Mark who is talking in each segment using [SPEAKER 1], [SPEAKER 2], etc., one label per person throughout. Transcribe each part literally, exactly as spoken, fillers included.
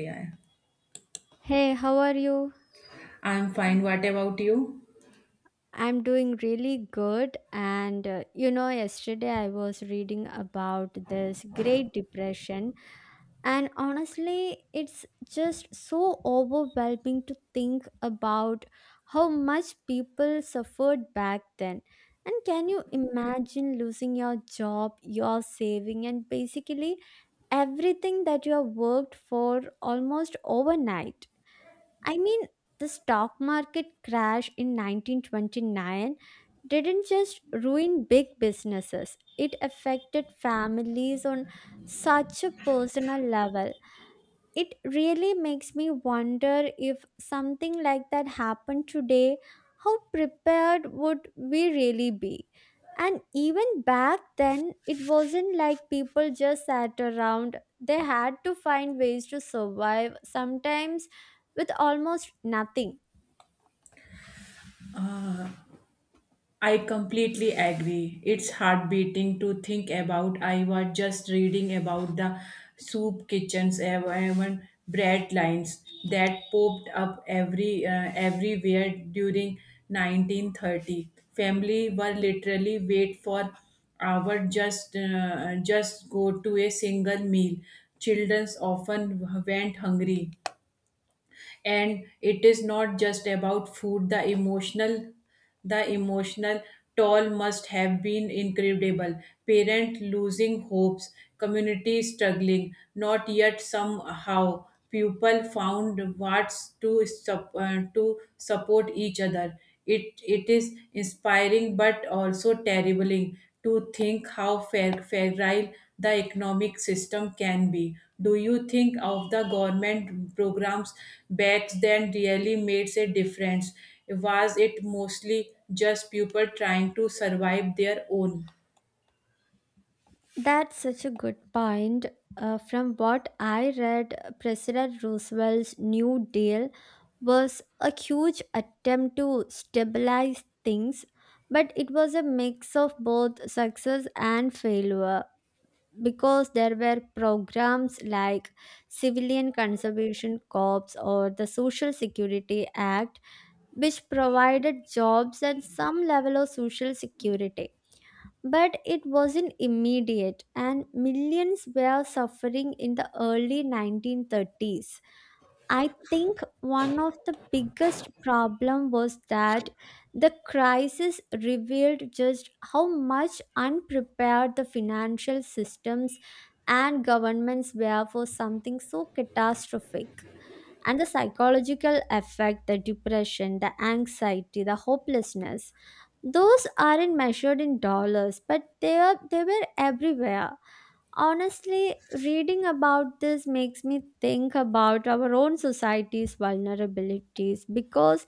[SPEAKER 1] Yeah.
[SPEAKER 2] Hey, how are you?
[SPEAKER 1] I'm fine. What about you?
[SPEAKER 2] I'm doing really good. And uh, you know, yesterday I was reading about this Great Depression, and honestly, it's just so overwhelming to think about how much people suffered back then. And can you imagine losing your job, your saving, and basically everything that you have worked for almost overnight? I mean, the stock market crash in nineteen twenty-nine didn't just ruin big businesses, it affected families on such a personal level. It really makes me wonder if something like that happened today, how prepared would we really be? And even back then, it wasn't like people just sat around. They had to find ways to survive, sometimes with almost nothing.
[SPEAKER 1] I completely agree. It's heartbeating to think about. I was just reading about the soup kitchens, ev- even bread lines that popped up every uh, everywhere during nineteen thirty. Family were literally wait for hour just uh, just go to a single meal. Children often went hungry. And it is not just about food. The emotional the emotional toll must have been incredible. Parent losing hopes, community struggling, not yet somehow people found what's to sup- uh, to support each other. It it is inspiring but also terribling to think how fer- fragile the economic system can be. Do you think of the government programs back then really made a difference? Was it mostly just people trying to survive their own?
[SPEAKER 2] That's such a good point. Uh, from what I read, President Roosevelt's New Deal was a huge attempt to stabilize things, but it was a mix of both success and failure because there were programs like Civilian Conservation Corps or the Social Security Act, which provided jobs and some level of social security but it wasn't immediate, and millions were suffering in the early nineteen thirties. I think one of the biggest problem was that the crisis revealed just how much unprepared the financial systems and governments were for something so catastrophic. And the psychological effect, the depression, the anxiety, the hopelessness those aren't measured in dollars, but they are they were everywhere. Honestly, reading about this makes me think about our own society's vulnerabilities because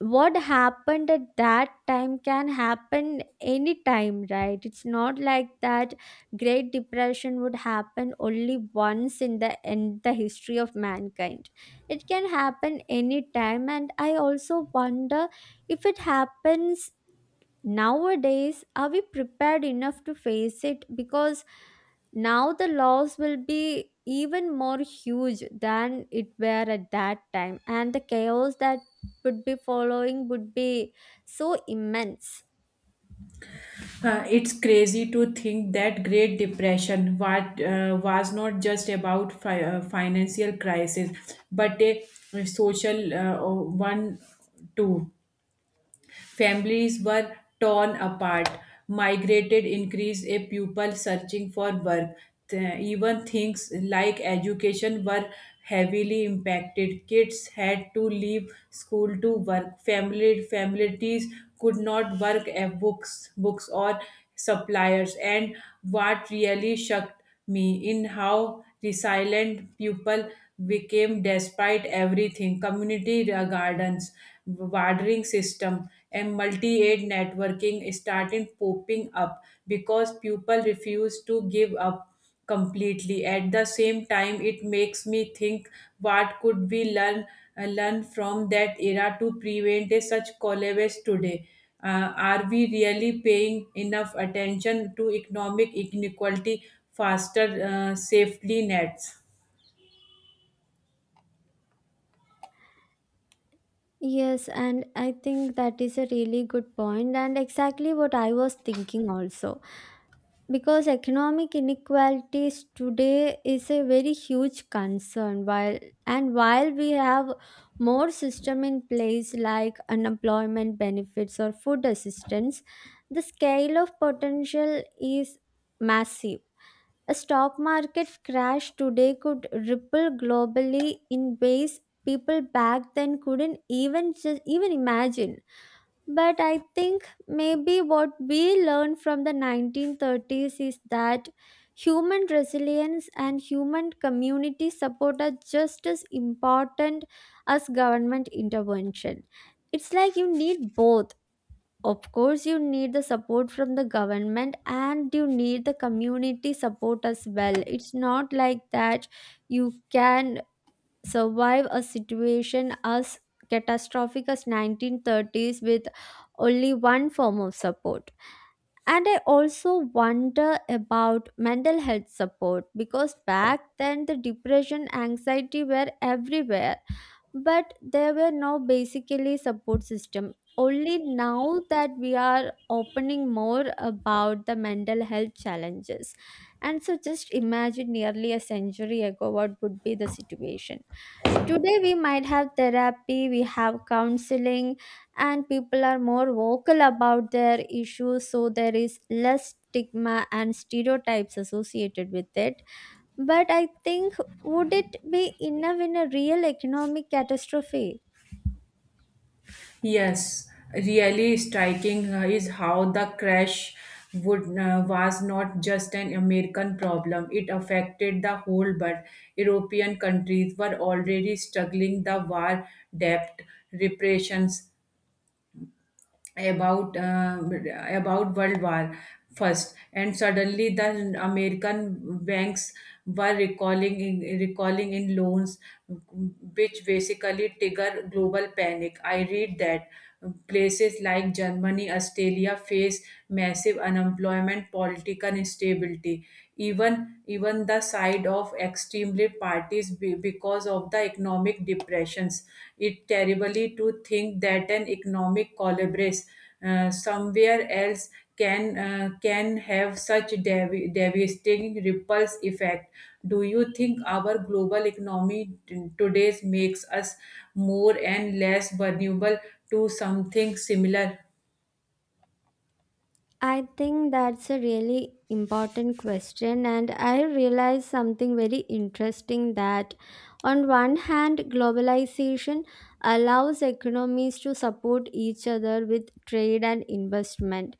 [SPEAKER 2] what happened at that time can happen anytime, right? It's not like that great depression would happen only once in the in the history of mankind. It can happen anytime, and I also wonder if it happens nowadays, are we prepared enough to face it? Because now the loss will be even more huge than it were at that time, and the chaos that would be following would be so immense.
[SPEAKER 1] Uh, it's crazy to think that Great Depression what, uh, was not just about fi- uh, financial crisis, but a social uh, one too. Families were torn apart, migrated increased a pupil searching for work. Th- Even things like education were heavily impacted. Kids had to leave school to work. Family families could not work at books, books or suppliers. And what really shocked me in how resilient people became despite everything, community uh, gardens, watering system, and multi-aid networking started popping up because people refused to give up completely. At the same time, it makes me think, what could we learn uh, learn from that era to prevent a such collapse today? Uh, are we really paying enough attention to economic inequality, faster uh, safety nets?
[SPEAKER 2] Yes, and I think that is a really good point and exactly what I was thinking also. Because economic inequalities today is a very huge concern while and while we have more system in place like unemployment benefits or food assistance, the scale of potential is massive. A stock market crash today could ripple globally in ways people back then couldn't even just even imagine. But I think maybe what we learned from the nineteen thirties is that human resilience and human community support are just as important as government intervention. It's like you need both. Of course, you need the support from the government and you need the community support as well. It's not like that you can survive a situation as catastrophic as nineteen thirties with only one form of support. And I also wonder about mental health support, because back then the depression anxiety were everywhere but there were no basically support system. Only now that we are opening more about the mental health challenges. And so just imagine nearly a century ago what would be the situation. Today, we might have therapy, we have counseling, and people are more vocal about their issues, so there is less stigma and stereotypes associated with it. But I think, would it be enough in a real economic catastrophe?
[SPEAKER 1] Yes, really striking uh, is how the crash would uh, was not just an American problem. It affected the whole world. European countries were already struggling the war, debt, repressions, about uh, about World War first, and suddenly the American banks were recalling in, recalling in loans, which basically trigger global panic. I read that places like Germany, Australia face massive unemployment, political instability. Even even the side of extremely parties be- because of the economic depressions. It terribly to think that an economic collapse uh, somewhere else can uh, can have such dev- devastating ripples effect. Do you think our global economy t- today makes us more and less vulnerable to something similar?
[SPEAKER 2] I think that's a really important question, and I realized something very interesting that, on one hand, globalization allows economies to support each other with trade and investment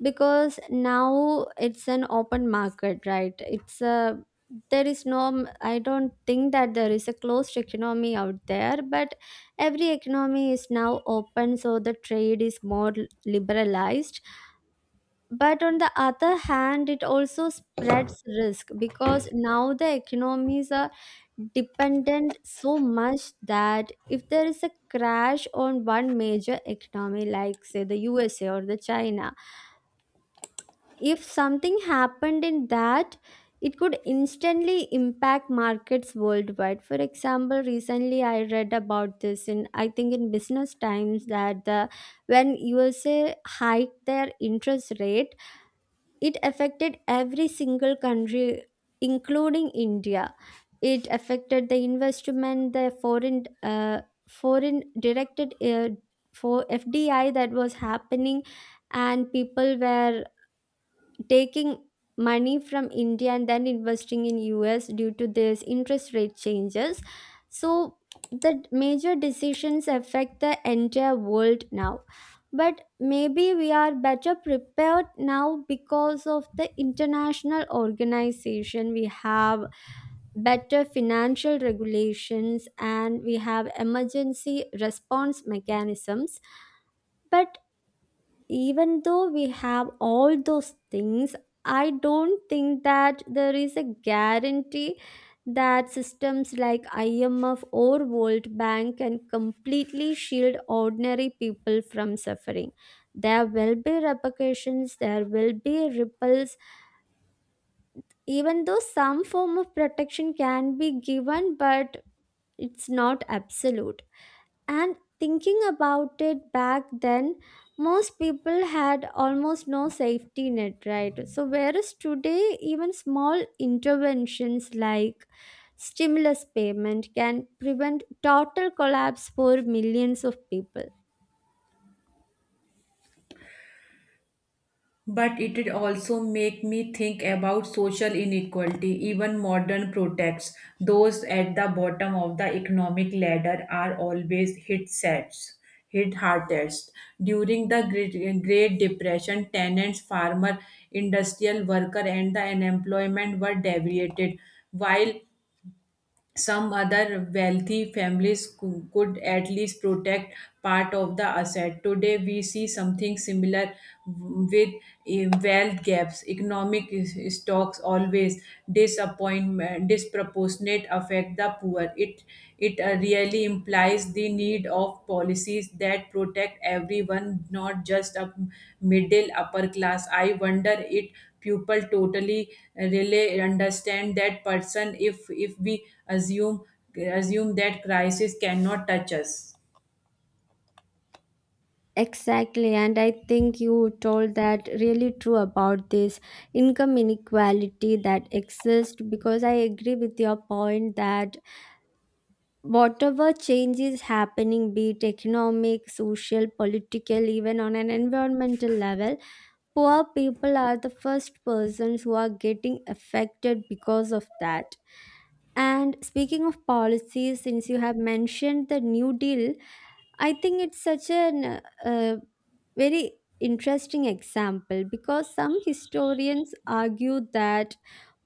[SPEAKER 2] because now it's an open market, right? It's a there is no, I don't think that there is a closed economy out there, but every economy is now open, so the trade is more liberalized but on the other hand, it also spreads risk because now the economies are dependent so much that if there is a crash on one major economy, like say the U S A or the China, if something happened in that, it could instantly impact markets worldwide. For example, recently I read about this in I think in Business Times that the when U S A hiked their interest rate it affected every single country, including India. It affected the investment, the foreign, uh, foreign directed uh, for F D I that was happening, and people were taking money from India and then investing in U S due to this interest rate changes. So the major decisions affect the entire world now. But maybe we are better prepared now because of the international organization. We have better financial regulations and we have emergency response mechanisms. But even though we have all those things, I don't think that there is a guarantee that systems like IMF or World Bank can completely shield ordinary people from suffering. There will be repercussions, there will be ripples. Even though some form of protection can be given, but it's not absolute. And thinking about it back then, most people had almost no safety net, right? So, whereas today, even small interventions like stimulus payment can prevent total collapse for millions of people.
[SPEAKER 1] But it did also make me think about social inequality. Even modern protects, those at the bottom of the economic ladder are always hit sets, hit hardest. During the Great Great Depression, tenants, farmer, industrial worker, and the unemployment were devastated, while some other wealthy families cou- could at least protect part of the asset. Today, we see something similar with eh, wealth gaps. Economic is- stocks always disappointment, disproportionate affect the poor. It it uh, really implies the need of policies that protect everyone, not just a middle upper class. I wonder it pupil totally really understand that person if if we assume assume that crisis cannot touch us.
[SPEAKER 2] Exactly, and I think you told that really true about this income inequality that exists because I agree with your point that whatever change is happening, be it economic, social, political, even on an environmental level, poor people are the first persons who are getting affected because of that. And speaking of policies, since you have mentioned the New Deal, I think it's such an uh, very interesting example because some historians argue that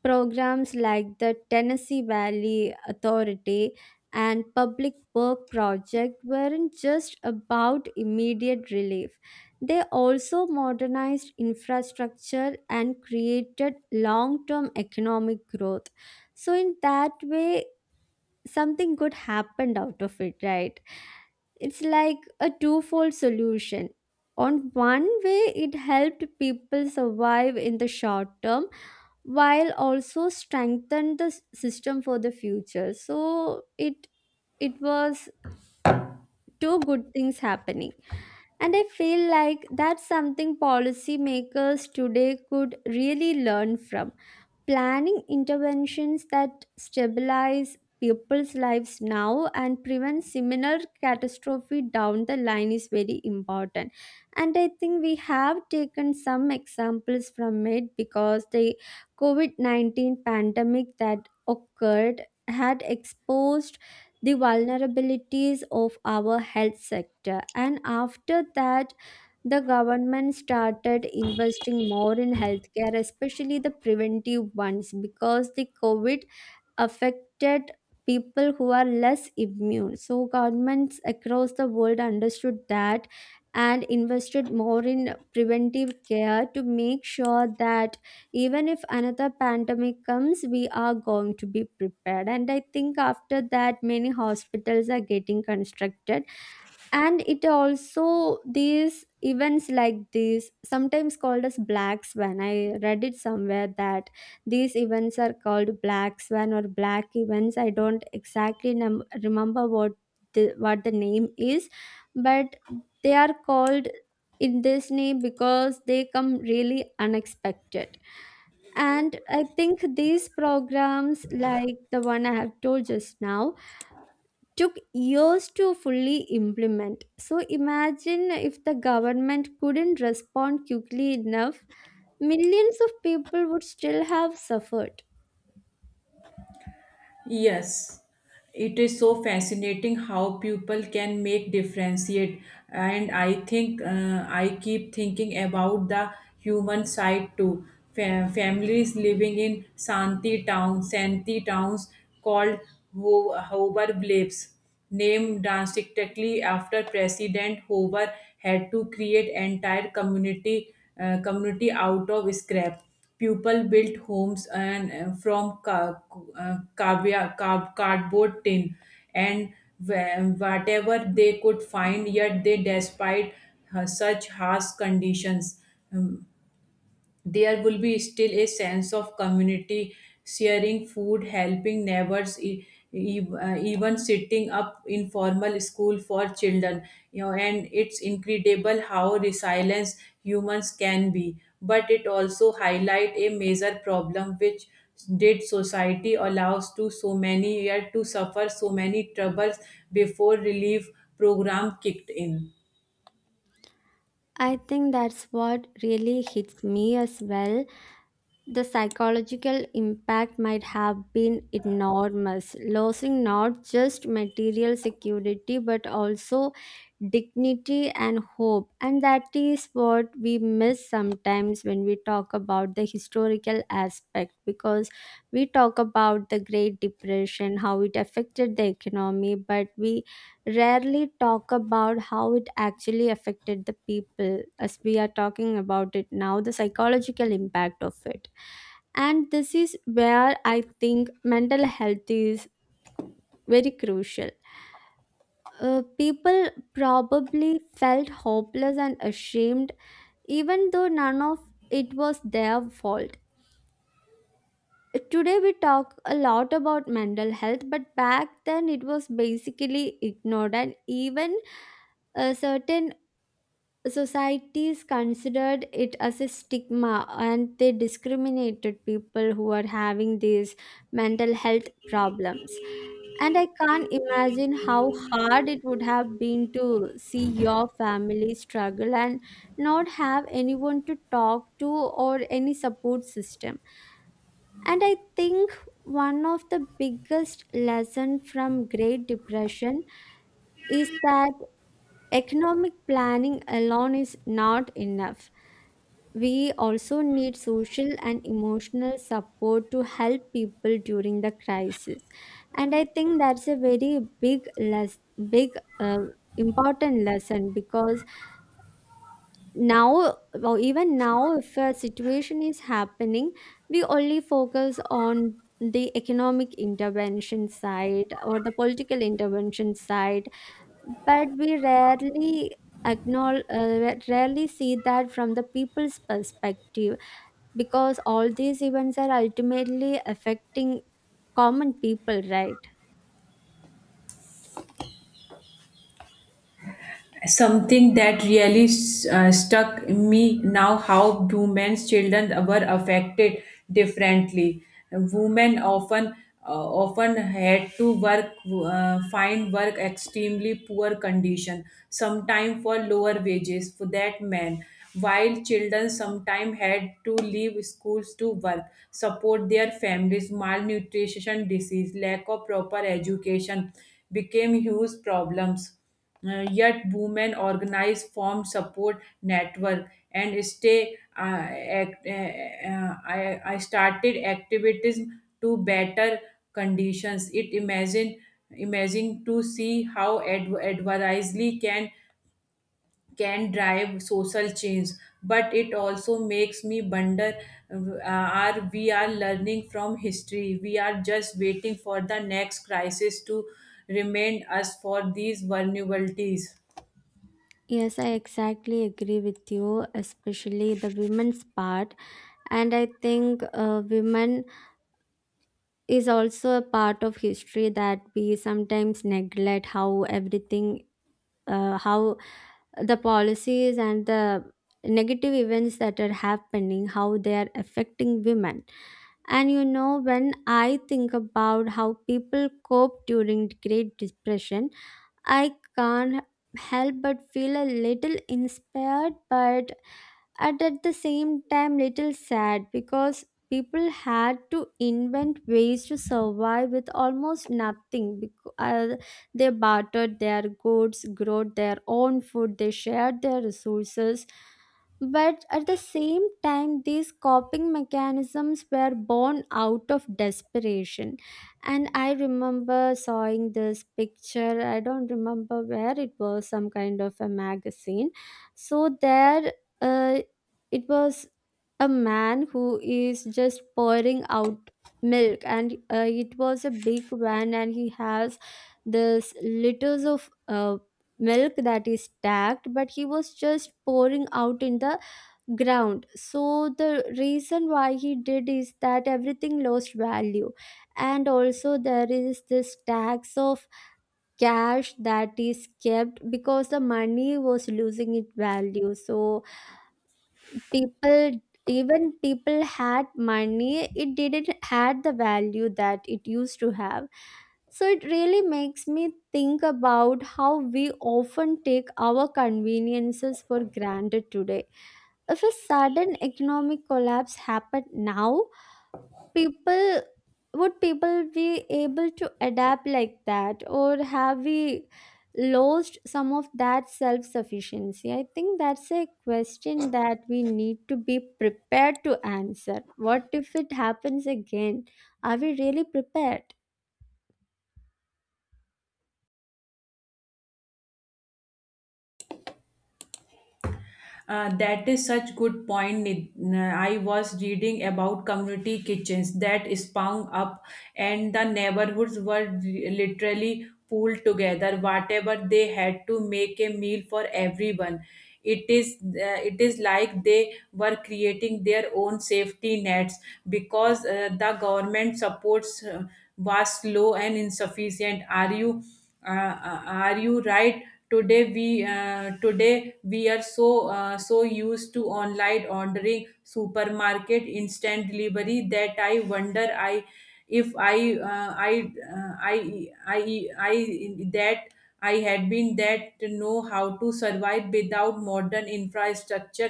[SPEAKER 2] programs like the Tennessee Valley Authority and Public Work Project weren't just about immediate relief. They also modernized infrastructure and created long term economic growth. So, in that way, something good happened out of it, right? It's like a twofold solution. On one way, it helped people survive in the short term, while also strengthen the s- system for the future, so it it was two good things happening. And I feel like that's something policymakers today could really learn from. Planning interventions that stabilize people's lives now and prevent similar catastrophe down the line is very important. And I think we have taken some examples from it because the COVID nineteen pandemic that occurred had exposed the vulnerabilities of our health sector, and after that the government started investing more in healthcare, especially the preventive ones, because the COVID affected people who are less immune. So governments across the world understood that and invested more in preventive care to make sure that even if another pandemic comes we are going to be prepared. And I think after that many hospitals are getting constructed. And it also these events like these sometimes called as black swan, I read it somewhere that these events are called black swan or black events. I don't exactly num- remember what the, what the name is, but they are called in this name because they come really unexpected. And I think these programs like the one I have told just now took years to fully implement. So imagine if the government couldn't respond quickly enough, millions of people would still have suffered.
[SPEAKER 1] Yes, it is so fascinating how people can make differentiate, and I think uh, I keep thinking about the human side too. Fa- families living in Santi town, Santi towns called Ho- Hover Blapes, named drastically after President Hoover, had to create entire community uh, community out of scrap. People built homes and uh, from ca- uh, cavia- ca- cardboard, tin, and wh- whatever they could find. Yet they, despite uh, such harsh conditions, Um, there will be still a sense of community, sharing food, helping neighbors, e- e- uh, even setting up informal school for children you know and it's incredible how resilient humans can be. But it also highlight a major problem, which did society allows to so many yet to suffer so many troubles before relief program kicked in.
[SPEAKER 2] I think that's what really hits me as well. The psychological impact might have been enormous, losing not just material security but also dignity and hope. And that is what we miss sometimes when we talk about the historical aspect because we talk about the Great Depression, how it affected the economy, but we rarely talk about how it actually affected the people. As we are talking about it now, the psychological impact of it, and this is where I think mental health is very crucial. Uh, people probably felt hopeless and ashamed even though none of it was their fault. Today we talk a lot about mental health but back then it was basically ignored, and even a certain societies considered it as a stigma and they discriminated people who are having these mental health problems. And I can't imagine how hard it would have been to see your family struggle and not have anyone to talk to or any support system. And I think one of the biggest lesson from great depression is that economic planning alone is not enough. We also need social and emotional support to help people during the crisis. And I think that's a very big, less big, uh, important lesson because now, well, even now, if a situation is happening, we only focus on the economic intervention side or the political intervention side, but we rarely acknowledge, uh, rarely see that from the people's perspective, because all these events are ultimately affecting common people, right?
[SPEAKER 1] Something that really uh, stuck me now, how women's children were affected differently. Women often uh, often had to work, uh, find work extremely poor condition, sometimes for lower wages for that men, while children sometimes had to leave schools to work, support their families. Malnutrition, disease, lack of proper education became huge problems. Uh, yet women organize form support network and stay uh, act, uh, uh, I, I started activism to better conditions. It imagine imagine to see how adv- adversely can can drive social change. But it also makes me wonder uh, are we are learning from history, we are just waiting for the next crisis to remind us for these vulnerabilities?
[SPEAKER 2] Yes, I exactly agree with you, especially the women's part. And I think uh, women is also a part of history that we sometimes neglect how everything uh, how the policies and the negative events that are happening how they are affecting women. And you know when I think about how people cope during great depression, I can't help but feel a little inspired, but at, at the same time, little sad because people had to invent ways to survive with almost nothing. Because, uh, they bartered their goods, grew their own food, they shared their resources. But at the same time, these coping mechanisms were born out of desperation. And I remember seeing this picture. I don't remember where it was. Some kind of a magazine. So there uh, it was a man who is just pouring out milk, and uh, it was a big van and he has this liters of uh, milk that is stacked, but he was just pouring out in the ground. So the reason why he did is that everything lost value, and also there is this tax of cash that is kept because the money was losing its value. So people, even people had money, it didn't had the value that it used to have. So it really makes me think about how we often take our conveniences for granted today. If a sudden economic collapse happened now, people would people be able to adapt like that, or have we lost some of that self sufficiency? I think that's a question that we need to be prepared to answer. What if it happens again? Are we really prepared?
[SPEAKER 1] Uh, that is such good point. Nid- uh, I was reading about community kitchens that sprung up, and the neighborhoods were re- literally pulled together. Whatever they had to make a meal for everyone. It is uh, it is like they were creating their own safety nets because uh, the government supports uh, was slow and insufficient. Are you? Uh, uh, are you right? Today we uh, today we are so uh, so used to online ordering, supermarket, instant delivery, that I wonder, I if I uh, i uh, I I I that I had been that to know how to survive without modern infrastructure.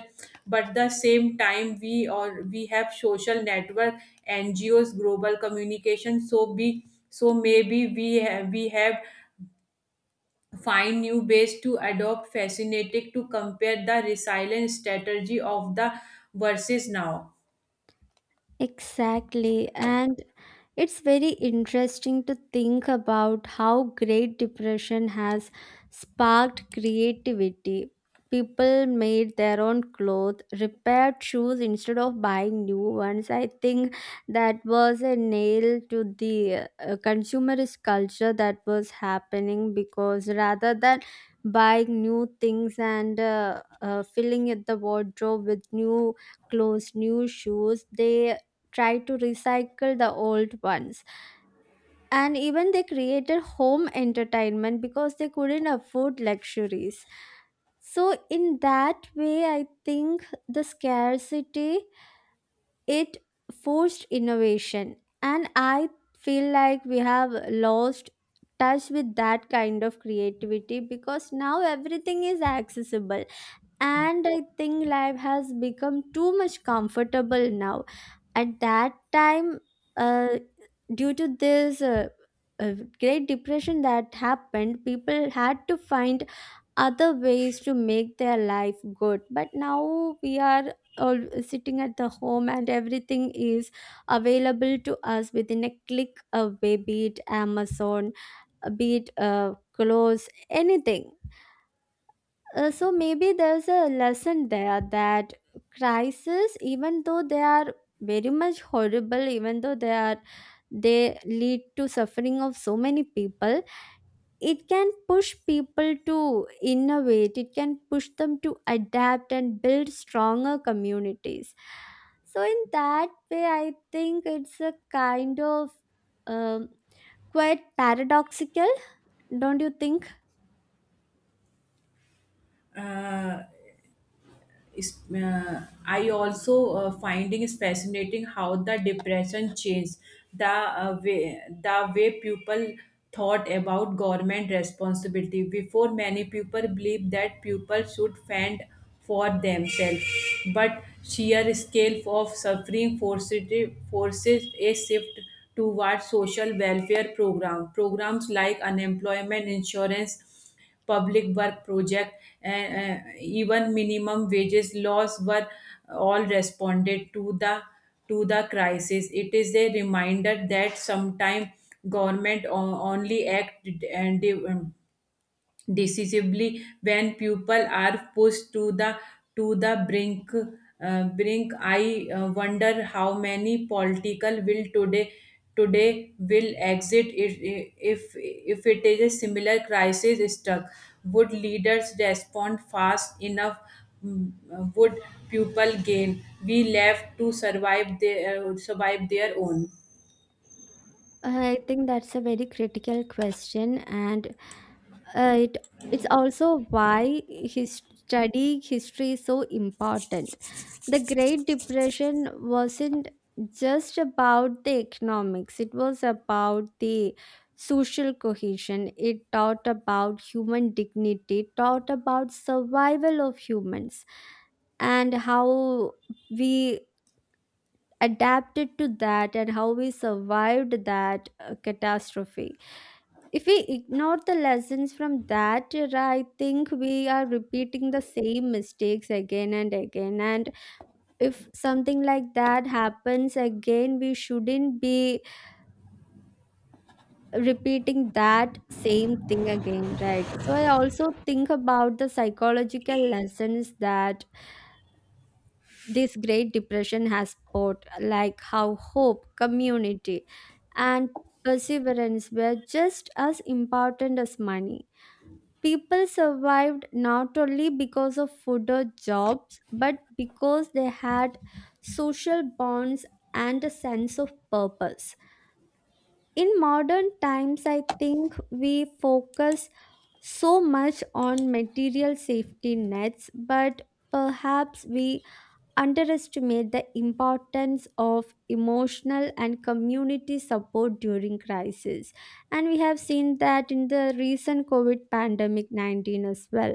[SPEAKER 1] But the same time, we or we have social network, NGOs, global communication. So be so maybe we have, we have find new ways to adopt, fascinating to compare the resilience strategy of the versus now.
[SPEAKER 2] Exactly. And it's very interesting to think about how Great Depression has sparked creativity. People made their own clothes, repaired shoes instead of buying new ones. I think that was a nail to the uh, consumerist culture that was happening, because rather than buying new things and uh, uh, filling it the wardrobe with new clothes, new shoes, they tried to recycle the old ones. And even they created home entertainment because they couldn't afford luxuries. So, in that way, I think the scarcity, it forced innovation. And I feel like we have lost touch with that kind of creativity because now everything is accessible, and I think life has become too much comfortable now. At that time, uh, due to this uh, uh, great depression that happened, people had to find other ways to make their life good. But now we are all sitting at the home and everything is available to us within a click away, be it Amazon, be it uh, clothes, anything. Uh, so maybe there's a lesson there that crises, even though they are very much horrible, even though they are, they lead to suffering of so many people, it can push people to innovate, it can push them to adapt and build stronger communities. So in that way I think it's a kind of um, quite paradoxical, don't you think?
[SPEAKER 1] Uh, is- uh, I also uh, finding is fascinating how the depression changed the uh, way the way people thought about government responsibility. Before many people believed that people should fend for themselves, but sheer scale of suffering forces forces a shift towards social welfare program programs like unemployment insurance, public work project, and uh, even minimum wages laws were all responded to the to the crisis. It is a reminder that sometimes government o- only act and decisively when people are pushed to the to the brink uh, brink. I uh, wonder how many political will today today will exit if if if it is a similar crisis struck. Would leaders respond fast enough? Mm, uh, would people gain we left to survive their uh, survive their own?
[SPEAKER 2] I think that's a very critical question, and uh, it it's also why his study history is so important. The Great Depression wasn't just about the economics; it was about the social cohesion. It taught about human dignity, it taught about survival of humans, and how we adapted to that, and how we survived that uh, catastrophe. If we ignore the lessons from that era, I think we are repeating the same mistakes again and again. And if something like that happens again, we shouldn't be repeating that same thing again, right? So I also think about the psychological lessons that this Great Depression has taught, like how hope, community, and perseverance were just as important as money. People survived not only because of food or jobs, but because they had social bonds and a sense of purpose. In modern times, I think we focus so much on material safety nets, but perhaps we underestimate the importance of emotional and community support during crisis. And we have seen that in the recent covid pandemic nineteen as well.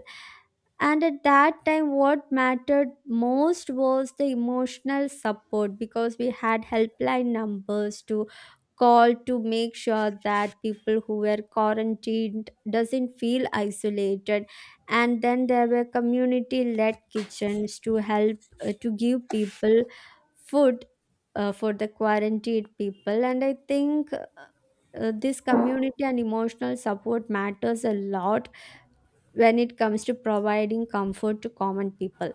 [SPEAKER 2] And at that time what mattered most was the emotional support, because we had helpline numbers to call to make sure that people who were quarantined doesn't feel isolated. And then there were community led kitchens to help, uh, to give people food uh, for the quarantined people. And I think uh, uh, this community and emotional support matters a lot when it comes to providing comfort to common people.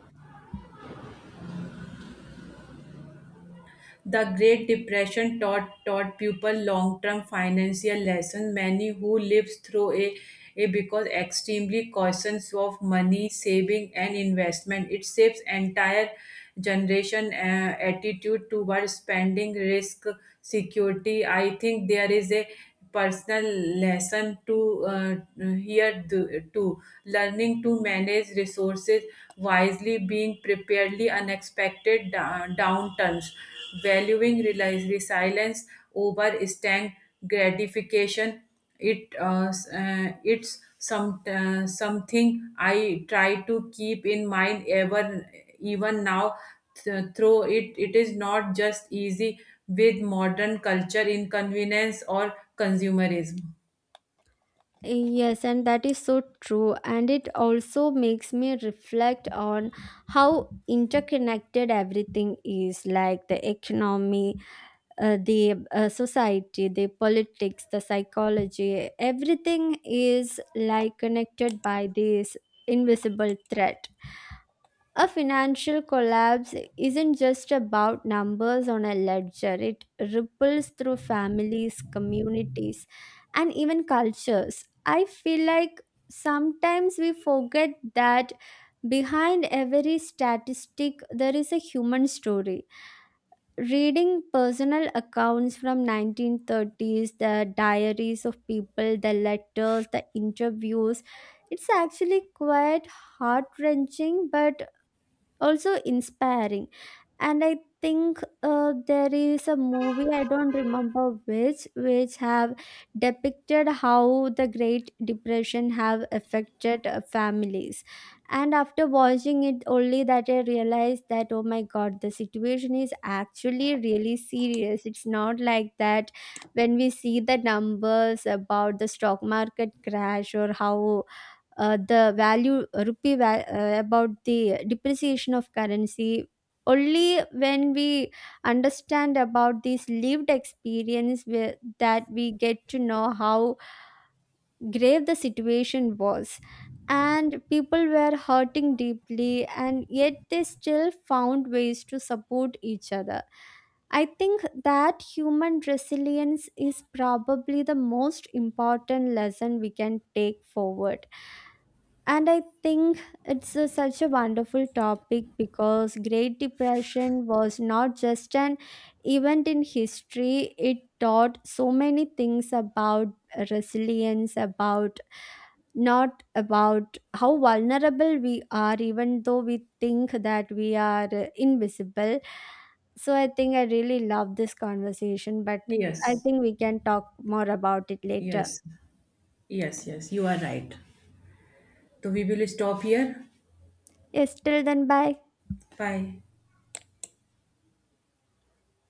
[SPEAKER 1] The Great Depression taught, taught people long-term financial lessons. Many who lived through a, a because extremely cautious of money, saving, and investment. It shapes entire generation uh, attitude towards spending, risk, security. I think there is a personal lesson to uh, here th- too. Learning to manage resources wisely, being preparedly unexpected da- downturns, valuing reli- resilience over instant gratification. It uh, s- uh, it's some uh, something I try to keep in mind ever even now. Th- through it, it is not just easy with modern culture, inconvenience, or consumerism.
[SPEAKER 2] Yes, and that is so true. And it also makes me reflect on how interconnected everything is, like the economy, uh, the uh, society, the politics, the psychology. Everything is like connected by this invisible thread. A financial collapse isn't just about numbers on a ledger, it ripples through families, communities, and even cultures. I feel like sometimes we forget that behind every statistic there is a human story. Reading personal accounts from nineteen thirties, the diaries of people, the letters, the interviews, it's actually quite heart-wrenching but also inspiring. And I think uh, there is a movie, I don't remember which which have depicted how the great depression have affected uh, families. And after watching it only that I realized that oh my god, the situation is actually really serious. It's not like that when we see the numbers about the stock market crash, or how uh, the value uh, rupee va- uh, about the depreciation of currency. Only when we understand about this lived experience where, that we get to know how grave the situation was, and people were hurting deeply and yet they still found ways to support each other. I think that human resilience is probably the most important lesson we can take forward. And I think it's a- such a wonderful topic, because Great Depression was not just an event in history, it taught so many things about resilience, about not about how vulnerable we are, even though we think that we are uh, invisible. So I think I really love this conversation, but I
[SPEAKER 1] Yes,
[SPEAKER 2] think we can talk more about it later.
[SPEAKER 1] yes, yes, yes. You are right. So we will stop here.
[SPEAKER 2] Yes, till then, bye.
[SPEAKER 1] 拜。